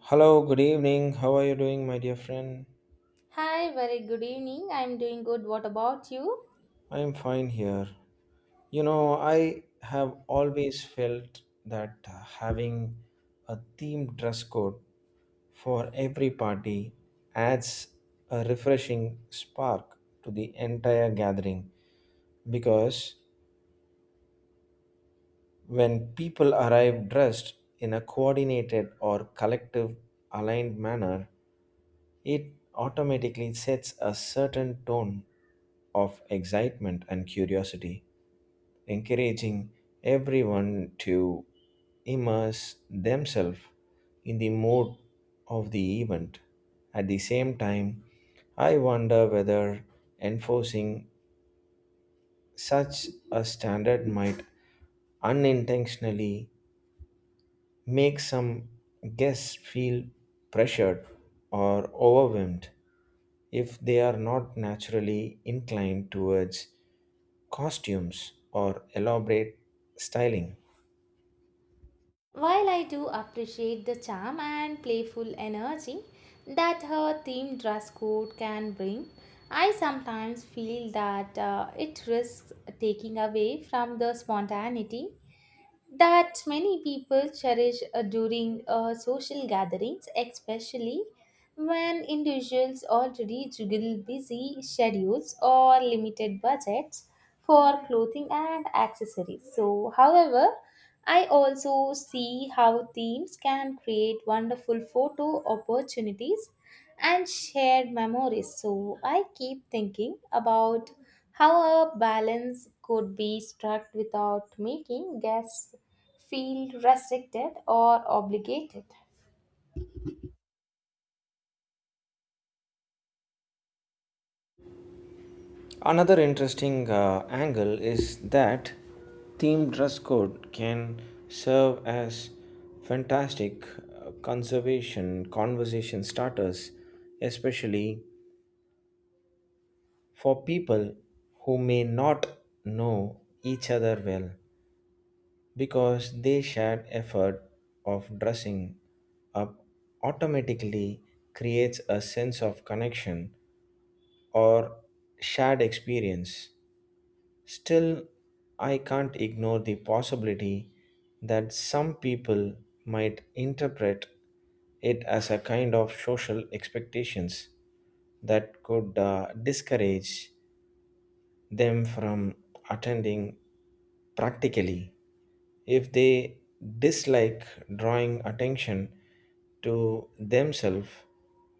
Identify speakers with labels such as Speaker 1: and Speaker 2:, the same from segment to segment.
Speaker 1: Hello, good evening. How are you doing, my dear friend?
Speaker 2: Hi, very good evening. I'm doing good. What about you?
Speaker 1: I am fine here. You know, I have always felt that having a themed dress code for every party adds a refreshing spark to the entire gathering because when people arrive dressed in a coordinated or collective aligned manner, it automatically sets a certain tone of excitement and curiosity, encouraging everyone to immerse themselves in the mode of the event. At the same time, I wonder whether enforcing such a standard might unintentionally make some guests feel pressured or overwhelmed if they are not naturally inclined towards costumes or elaborate styling.
Speaker 2: While I do appreciate the charm and playful energy that her theme dress code can bring, I sometimes feel that it risks taking away from the spontaneity that many people cherish during social gatherings, especially when individuals already juggle busy schedules or limited budgets for clothing and accessories. So, however, I also see how themes can create wonderful photo opportunities and shared memories. So I keep thinking about how a balance could be struck without making guests feel restricted or obligated.
Speaker 1: Another interesting angle is that themed dress code can serve as fantastic conservation conversation starters, especially for people who may not know each other well, because they shared effort of dressing up automatically creates a sense of connection or shared experience. Still, I can't ignore the possibility that some people might interpret it as a kind of social expectations that could discourage them from attending practically if they dislike drawing attention to themselves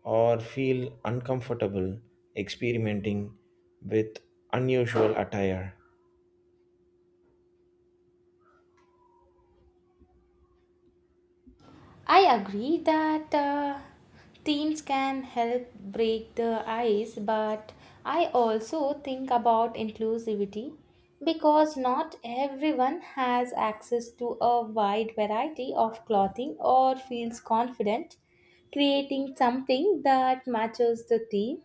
Speaker 1: or feel uncomfortable experimenting with unusual attire.
Speaker 2: I agree that teams can help break the ice, but I also think about inclusivity because not everyone has access to a wide variety of clothing or feels confident creating something that matches the theme,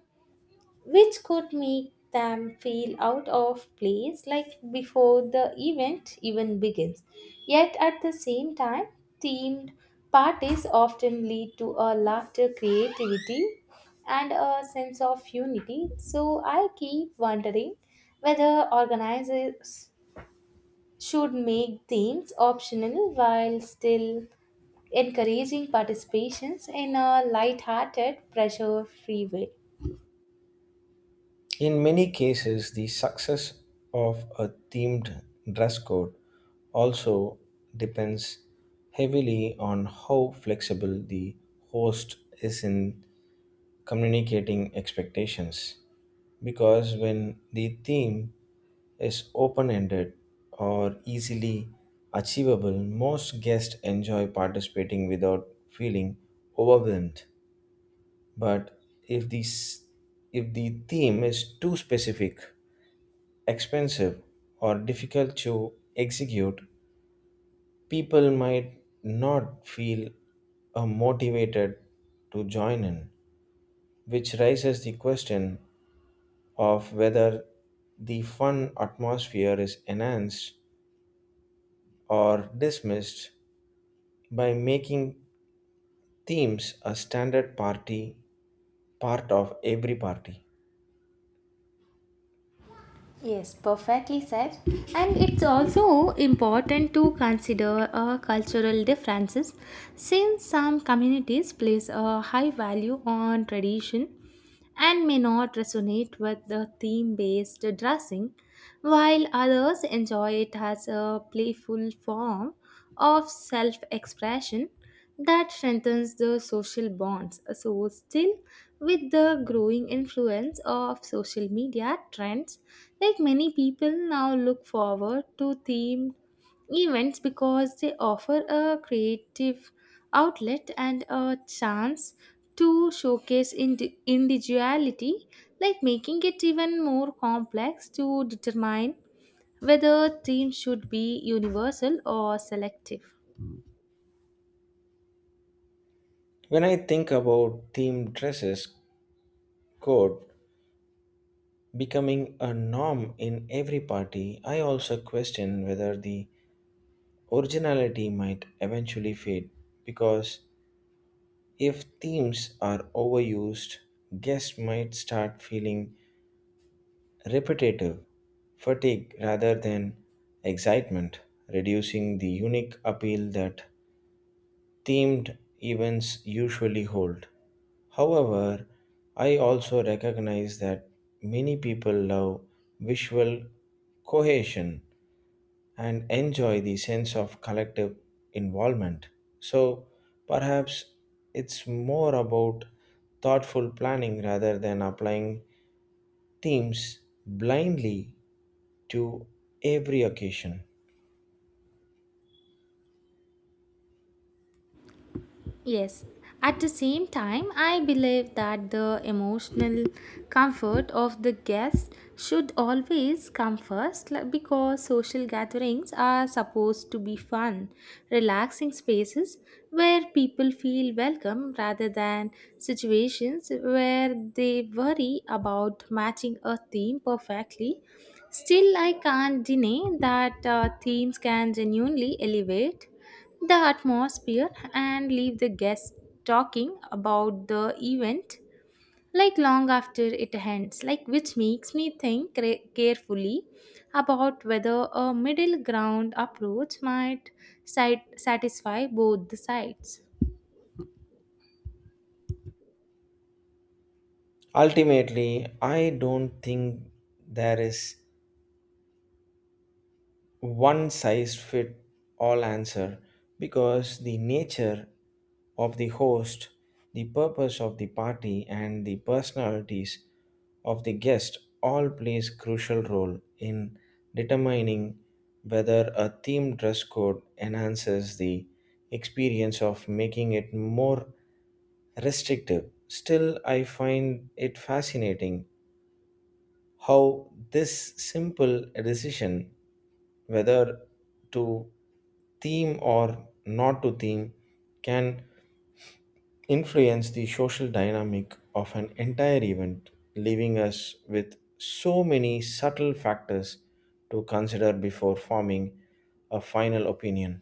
Speaker 2: which could make them feel out of place, like before the event even begins. Yet at the same time, themed parties often lead to a laughter, creativity, and a sense of unity. So I keep wondering whether organizers should make themes optional while still encouraging participations in a light-hearted, pressure-free way.
Speaker 1: In many cases, the success of a themed dress code also depends heavily on how flexible the host is in communicating expectations because when the theme is open ended or easily achievable, most guests enjoy participating without feeling overwhelmed. But if this if the theme is too specific, expensive, or difficult to execute, people might not feel motivated to join in, which raises the question of whether the fun atmosphere is enhanced or dismissed by making themes a standard party part of every party.
Speaker 2: Yes, perfectly said. And it's also important to consider cultural differences, since some communities place a high value on tradition and may not resonate with the theme based dressing, while others enjoy it as a playful form of self expression that strengthens the social bonds. So, still, with the growing influence of social media trends, like many people now look forward to themed events because they offer a creative outlet and a chance to showcase individuality, like making it even more complex to determine whether themes should be universal or selective.
Speaker 1: When I think about theme dresses code becoming a norm in every party, I also question whether the originality might eventually fade because if themes are overused, guests might start feeling repetitive fatigue rather than excitement, reducing the unique appeal that themed events usually hold. However, I also recognize that many people love visual cohesion and enjoy the sense of collective involvement. So perhaps it's more about thoughtful planning rather than applying themes blindly to every occasion.
Speaker 2: Yes. At the same time, I believe that the emotional comfort of the guest should always come first, like, because social gatherings are supposed to be fun, relaxing spaces where people feel welcome rather than situations where they worry about matching a theme perfectly. Still, I can't deny that themes can genuinely elevate the atmosphere and leave the guests talking about the event, like long after it ends, like which makes me think carefully about whether a middle ground approach might satisfy both the sides.
Speaker 1: Ultimately, I don't think there is one size fit all answer because the nature of the host, the purpose of the party, and the personalities of the guest all plays crucial role in determining whether a theme dress code enhances the experience of making it more restrictive. Still, I find it fascinating how this simple decision, whether to theme or not to theme, can influence the social dynamic of an entire event, leaving us with so many subtle factors to consider before forming a final opinion.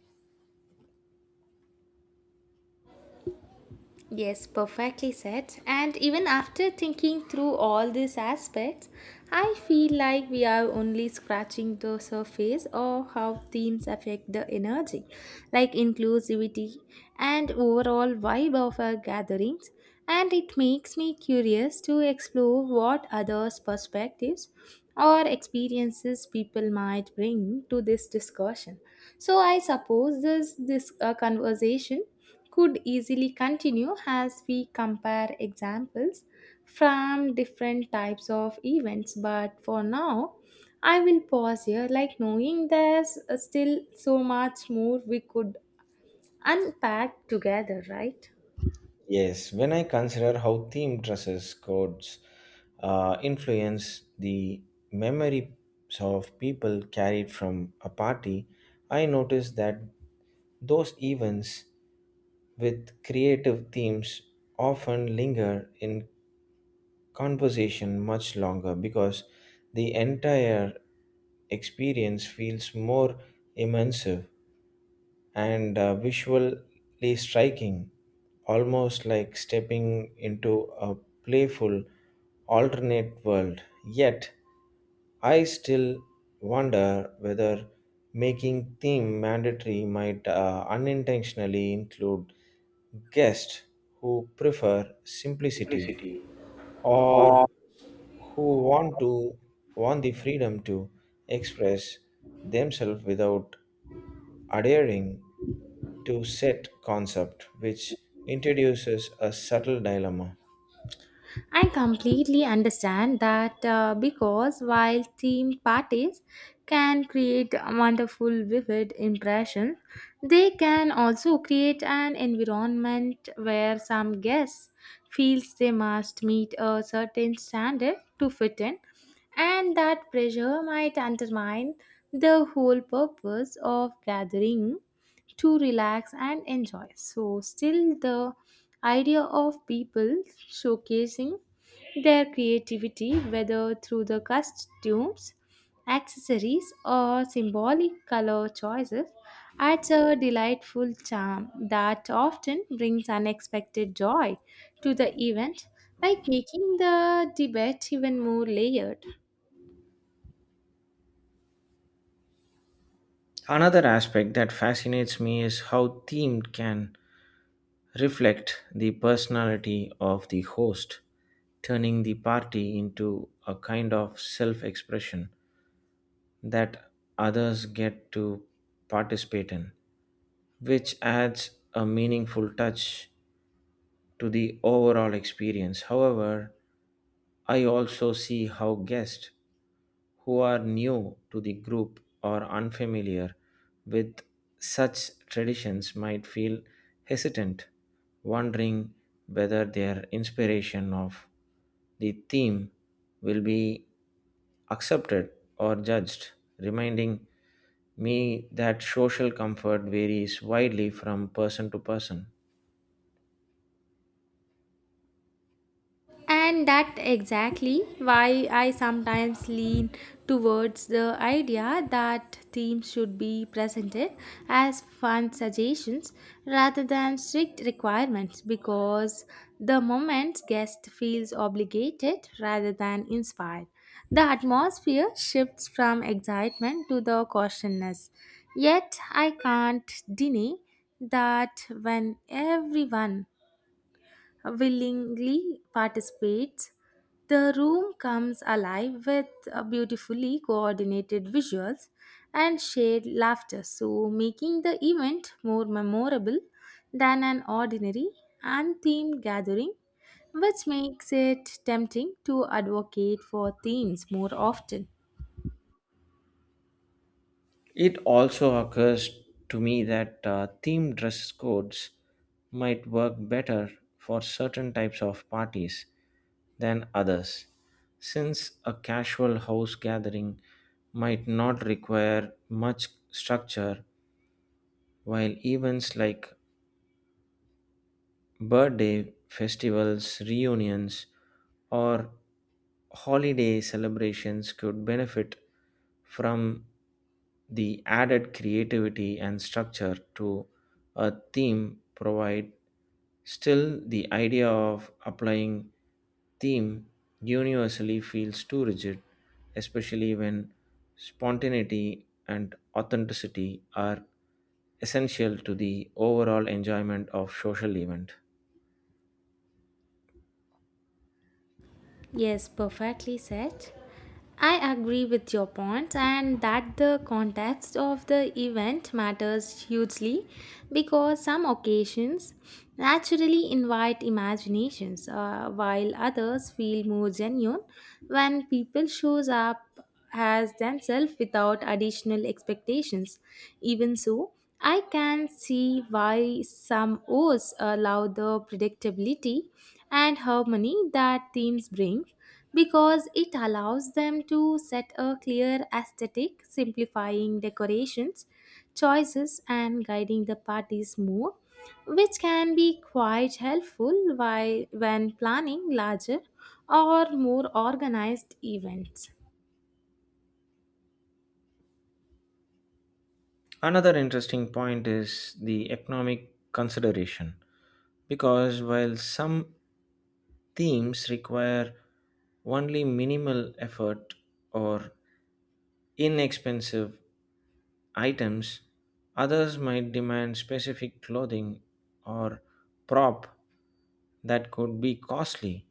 Speaker 2: Yes, perfectly said. And even after thinking through all these aspects, I feel like we are only scratching the surface of how themes affect the energy, like inclusivity and overall vibe of our gatherings. And it makes me curious to explore what others' perspectives or experiences people might bring to this discussion. So I suppose this conversation could easily continue as we compare examples from different types of events, but for now I will pause here, like knowing there's still so much more we could unpack together, right?
Speaker 1: Yes, when I consider how theme dresses codes influence the memories of people carried from a party, I notice that those events with creative themes often linger in conversation much longer because the entire experience feels more immersive and visually striking, almost like stepping into a playful alternate world. Yet, I still wonder whether making theme mandatory might unintentionally include guests who prefer simplicity
Speaker 2: Simplicity.
Speaker 1: or
Speaker 2: Or
Speaker 1: who want to want the freedom to express themselves without adhering to set concept, which introduces a subtle dilemma.
Speaker 2: I completely understand that, because while theme parties can create a wonderful, vivid impression, they can also create an environment where some guests feels they must meet a certain standard to fit in, and that pressure might undermine the whole purpose of gathering to relax and enjoy. So, still, the idea of people showcasing their creativity, whether through the costumes, accessories, or symbolic color choices, adds a delightful charm that often brings unexpected joy to the event, like making the debate even more layered.
Speaker 1: Another aspect that fascinates me is how themed can reflect the personality of the host, turning the party into a kind of self expression that others get to participate in, which adds a meaningful touch to the overall experience. However, I also see how guests who are new to the group or unfamiliar with such traditions might feel hesitant, wondering whether their inspiration of the theme will be accepted or judged, reminding me that social comfort varies widely from person to person.
Speaker 2: And that exactly why I sometimes lean towards the idea that themes should be presented as fun suggestions rather than strict requirements, because the moment guest feels obligated rather than inspired, the atmosphere shifts from excitement to the cautiousness. Yet I can't deny that when everyone willingly participates. The room comes alive with beautifully coordinated visuals and shared laughter, so making the event more memorable than an ordinary unthemed gathering, which makes it tempting to advocate for themes more often.
Speaker 1: It also occurs to me that theme dress codes might work better for certain types of parties than others, since a casual house gathering might not require much structure, while events like birthday festivals, reunions, or holiday celebrations could benefit from the added creativity and structure to a theme provide. Still, the idea of applying theme universally feels too rigid, especially when spontaneity and authenticity are essential to the overall enjoyment of social event.
Speaker 2: Yes, perfectly said. I agree with your point, and that the context of the event matters hugely because some occasions naturally invite imaginations, while others feel more genuine when people shows up as themselves without additional expectations. Even so, I can see why some O's allow the predictability and harmony that themes bring, because it allows them to set a clear aesthetic, simplifying decorations, choices, and guiding the parties more, which can be quite helpful while, when planning larger or more organized events.
Speaker 1: Another interesting point is the economic consideration, because while some themes require only minimal effort or inexpensive items, others might demand specific clothing or prop that could be costly,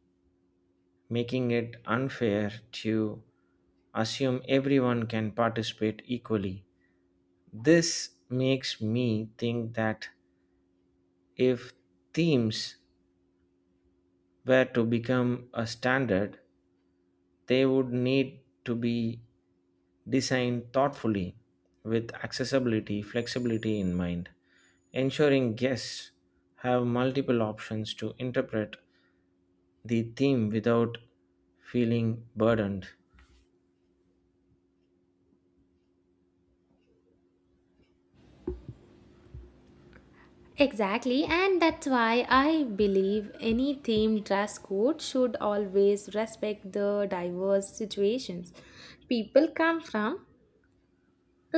Speaker 1: making it unfair to assume everyone can participate equally. This makes me think that if themes were to become a standard, they would need to be designed thoughtfully with accessibility, flexibility in mind, ensuring guests have multiple options to interpret the theme without feeling burdened.
Speaker 2: Exactly, and that's why I believe any themed dress code should always respect the diverse situations people come from,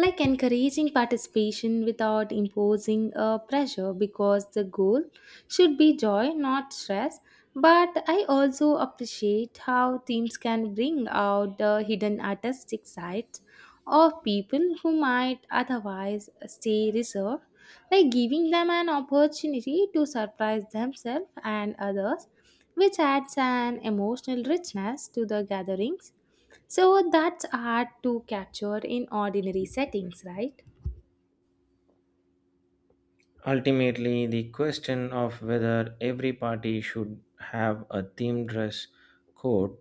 Speaker 2: like encouraging participation without imposing a pressure, because the goal should be joy, not stress. But I also appreciate how teams can bring out the hidden artistic sides of people who might otherwise stay reserved, like giving them an opportunity to surprise themselves and others, which adds an emotional richness to the gatherings, so that's hard to capture in ordinary settings, right?
Speaker 1: Ultimately, the question of whether every party should have a theme dress code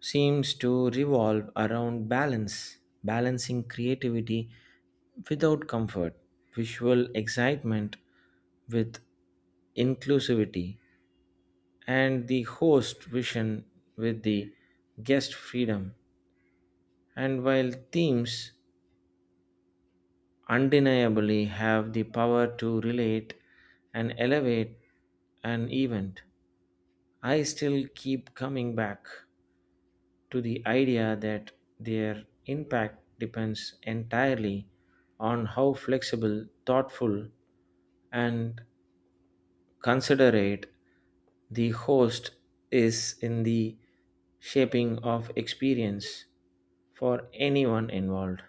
Speaker 1: seems to revolve around balance, balancing creativity without comfort, visual excitement with inclusivity, and the host vision with the guest freedom. And while themes undeniably have the power to relate and elevate an event, I still keep coming back to the idea that their impact depends entirely on how flexible, thoughtful, and considerate the host is in the shaping of experience for anyone involved.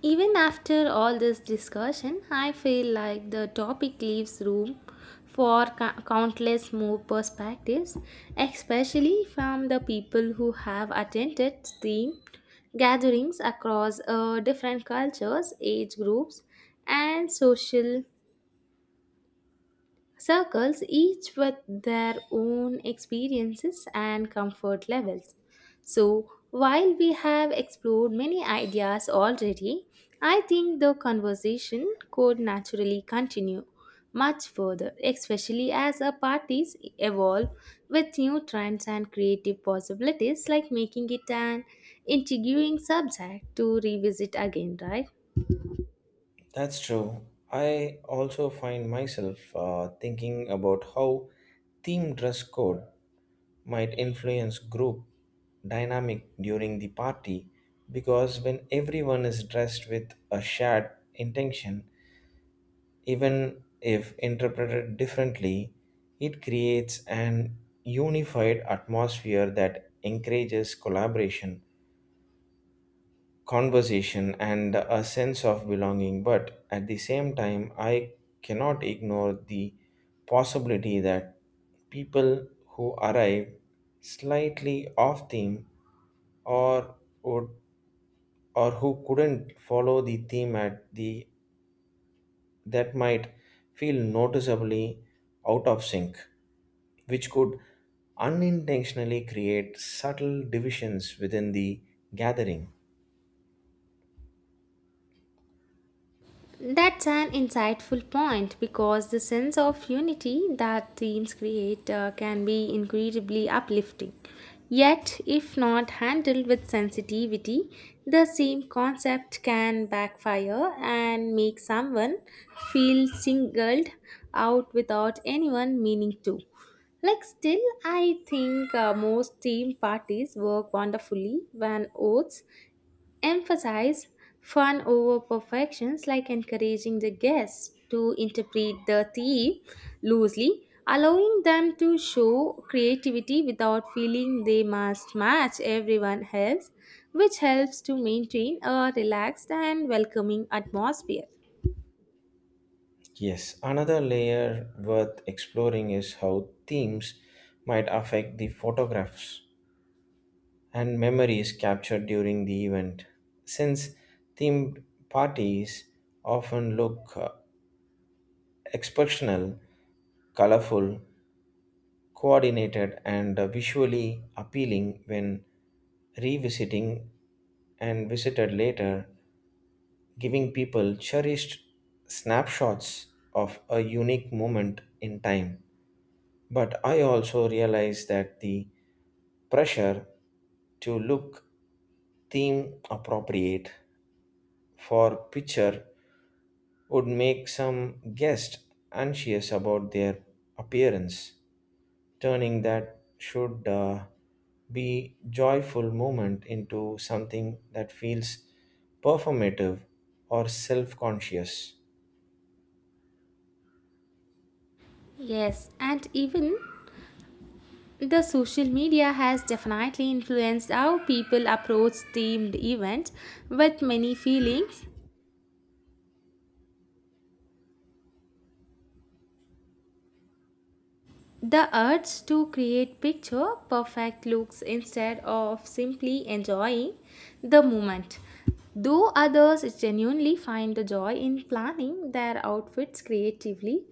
Speaker 2: Even after all this discussion, I feel like the topic leaves room for countless more perspectives, especially from the people who have attended STEAM gatherings across different cultures, age groups, and social circles, each with their own experiences and comfort levels. So, while we have explored many ideas already, I think the conversation could naturally continue much further, especially as our parties evolve with new trends and creative possibilities, like making it an intriguing subject to revisit again, right?
Speaker 1: That's true. I also find myself thinking about how team dress code might influence group dynamic during the party because when everyone is dressed with a shared intention, even if interpreted differently, it creates an unified atmosphere that encourages collaboration conversation and a sense of belonging, but at the same time, I cannot ignore the possibility that people who arrive slightly off theme or would or who couldn't follow the theme at the that might feel noticeably out of sync, which could unintentionally create subtle divisions within the gathering.
Speaker 2: That's an insightful point because the sense of unity that themes create can be incredibly uplifting. Yet, if not handled with sensitivity, the same concept can backfire and make someone feel singled out without anyone meaning to. Like, still, I think most theme parties work wonderfully when oaths emphasize fun over perfections, like encouraging the guests to interpret the theme loosely, allowing them to show creativity without feeling they must match everyone else, which helps to maintain a relaxed and welcoming atmosphere.
Speaker 1: Yes, another layer worth exploring is how themes might affect the photographs and memories captured during the event, since themed parties often look exceptional, colorful, coordinated, and visually appealing when revisiting and visited later, giving people cherished snapshots of a unique moment in time. But I also realize that the pressure to look theme appropriate for picture would make some guests anxious about their appearance, turning that should be joyful moment into something that feels performative or self-conscious.
Speaker 2: Yes, and even the social media has definitely influenced how people approach themed events, with many feelings the urge to create picture perfect looks instead of simply enjoying the moment. Though others genuinely find the joy in planning their outfits creatively,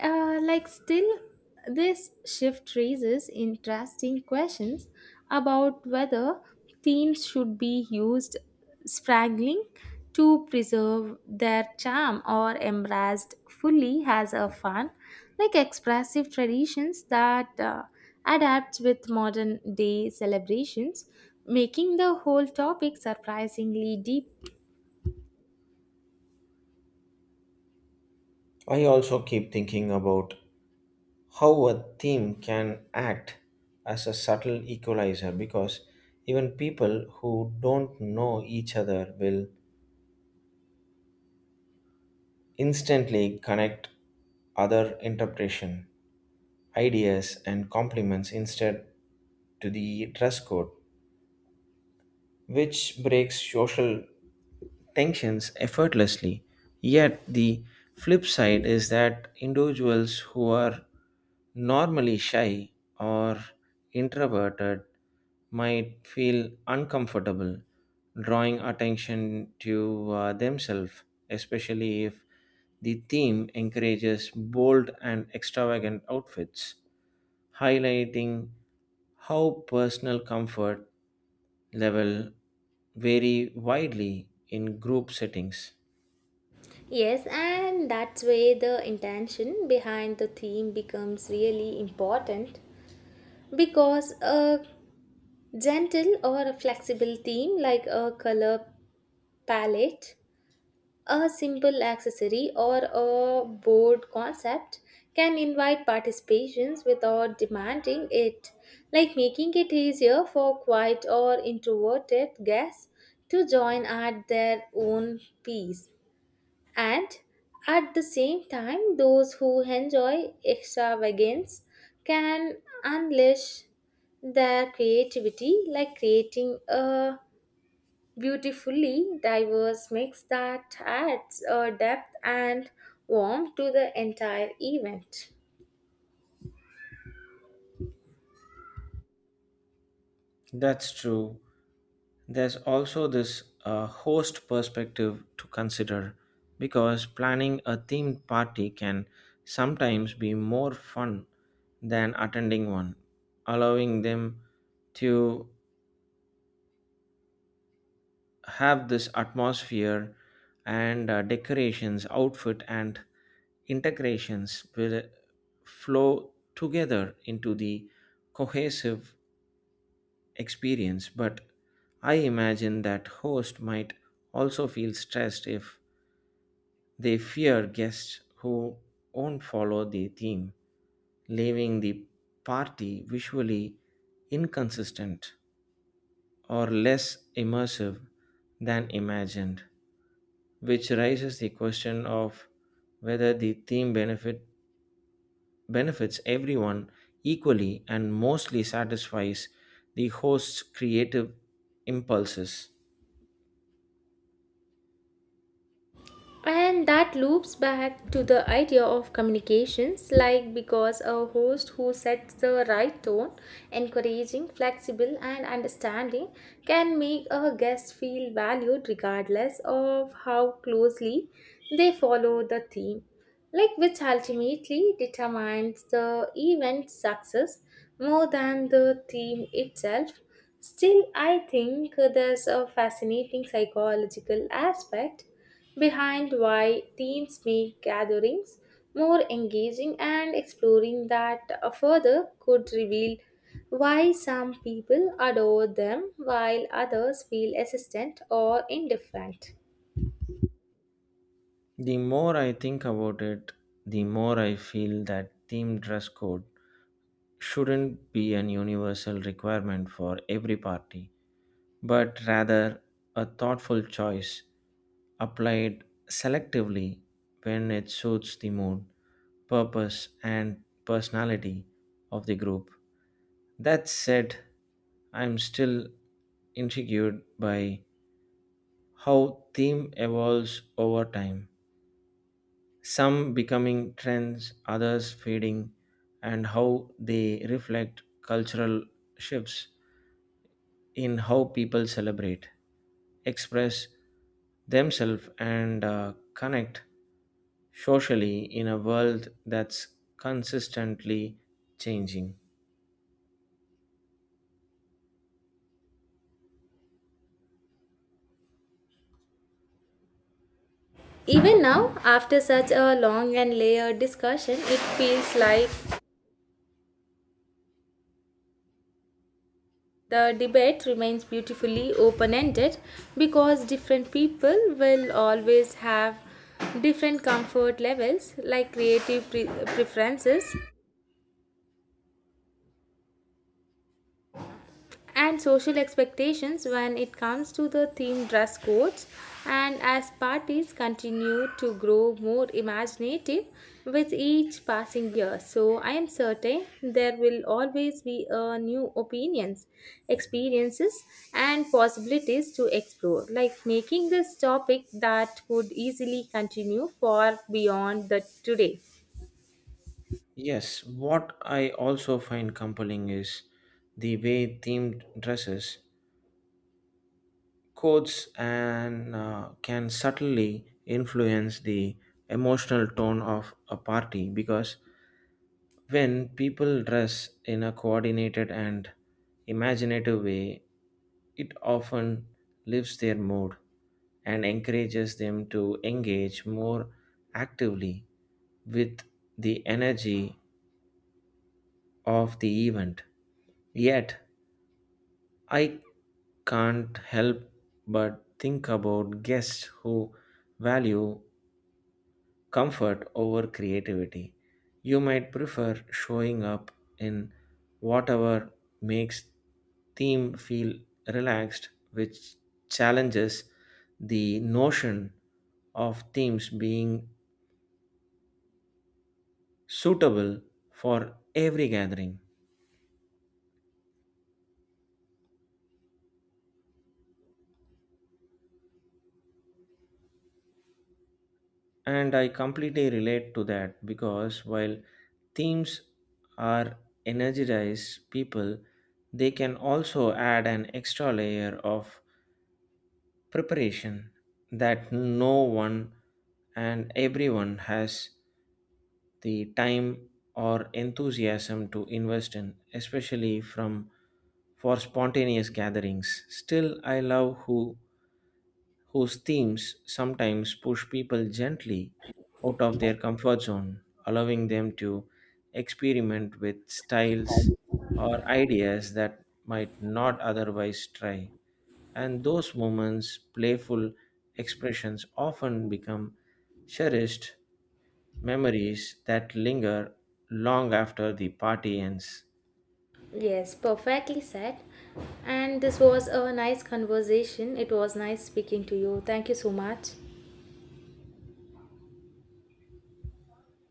Speaker 2: like still, this shift raises interesting questions about whether themes should be used spraggling to preserve their charm or embraced fully as a fun, like expressive traditions that adapts with modern day celebrations, making the whole topic surprisingly deep.
Speaker 1: I also keep thinking about how a theme can act as a subtle equalizer because even people who don't know each other will instantly connect other interpretation ideas and compliments instead to the dress code which breaks social tensions effortlessly. Yet, the flip side is that individuals who are normally shy or introverted might feel uncomfortable drawing attention to themselves, especially if the theme encourages bold and extravagant outfits, highlighting how personal comfort level vary widely in group settings.
Speaker 2: Yes, and that's where the intention behind the theme becomes really important, because a gentle or a flexible theme like a color palette, a simple accessory or a board concept, can invite participations without demanding it, like making it easier for quiet or introverted guests to join at their own pace. And at the same time, those who enjoy extravagance can unleash their creativity, like creating a beautifully diverse mix that adds a depth and warmth to the entire event.
Speaker 1: That's true. There's also this host perspective to consider because planning a themed party can sometimes be more fun than attending one, allowing them to have this atmosphere and decorations, outfit, and integrations will flow together into the cohesive experience, but I imagine that hosts might also feel stressed if they fear guests who won't follow the theme, leaving the party visually inconsistent or less immersive than imagined, which raises the question of whether the theme benefit benefits everyone equally and mostly satisfies the host's creative impulses.
Speaker 2: And that loops back to the idea of communications, like because a host who sets the right tone, encouraging, flexible, and understanding, can make a guest feel valued regardless of how closely they follow the theme. Like which ultimately determines the event's success more than the theme itself. Still, I think there's a fascinating psychological aspect behind why themes make gatherings more engaging, and exploring that further could reveal why some people adore them while others feel hesitant or indifferent.
Speaker 1: The more I think about it, the more I feel that team dress code shouldn't be an universal requirement for every party, but rather a thoughtful choice applied selectively when it suits the mood, purpose, and personality of the group. That said, I'm still intrigued by how theme evolves over time, some becoming trends, others fading, and how they reflect cultural shifts in how people celebrate, express themselves, and connect socially in a world that's consistently changing.
Speaker 2: Even now, after such a long and layered discussion, it feels like the debate remains beautifully open ended, because different people will always have different comfort levels, like creative preferences and social expectations when it comes to the theme dress codes. And as parties continue to grow more imaginative with each passing year, so I am certain there will always be a new opinions, experiences, and possibilities to explore, like making this topic that could easily continue for beyond the today.
Speaker 1: Yes, what I also find compelling is the way themed dresses codes and can subtly influence the emotional tone of a party because when people dress in a coordinated and imaginative way it often lifts their mood and encourages them to engage more actively with the energy of the event. Yet I can't help but think about guests who value comfort over creativity. You might prefer showing up in whatever makes theme feel relaxed, which challenges the notion of themes being suitable for every gathering. And I completely relate to that because while themes are energize people, they can also add an extra layer of preparation that no one and everyone has the time or enthusiasm to invest in, especially from for spontaneous gatherings. Still, I love whose themes sometimes push people gently out of their comfort zone, allowing them to experiment with styles or ideas that might not otherwise try. And those moments, playful expressions often become cherished memories that linger long after the party ends.
Speaker 2: Yes, perfectly said. And this was a nice conversation. It was nice speaking to you. Thank you so much.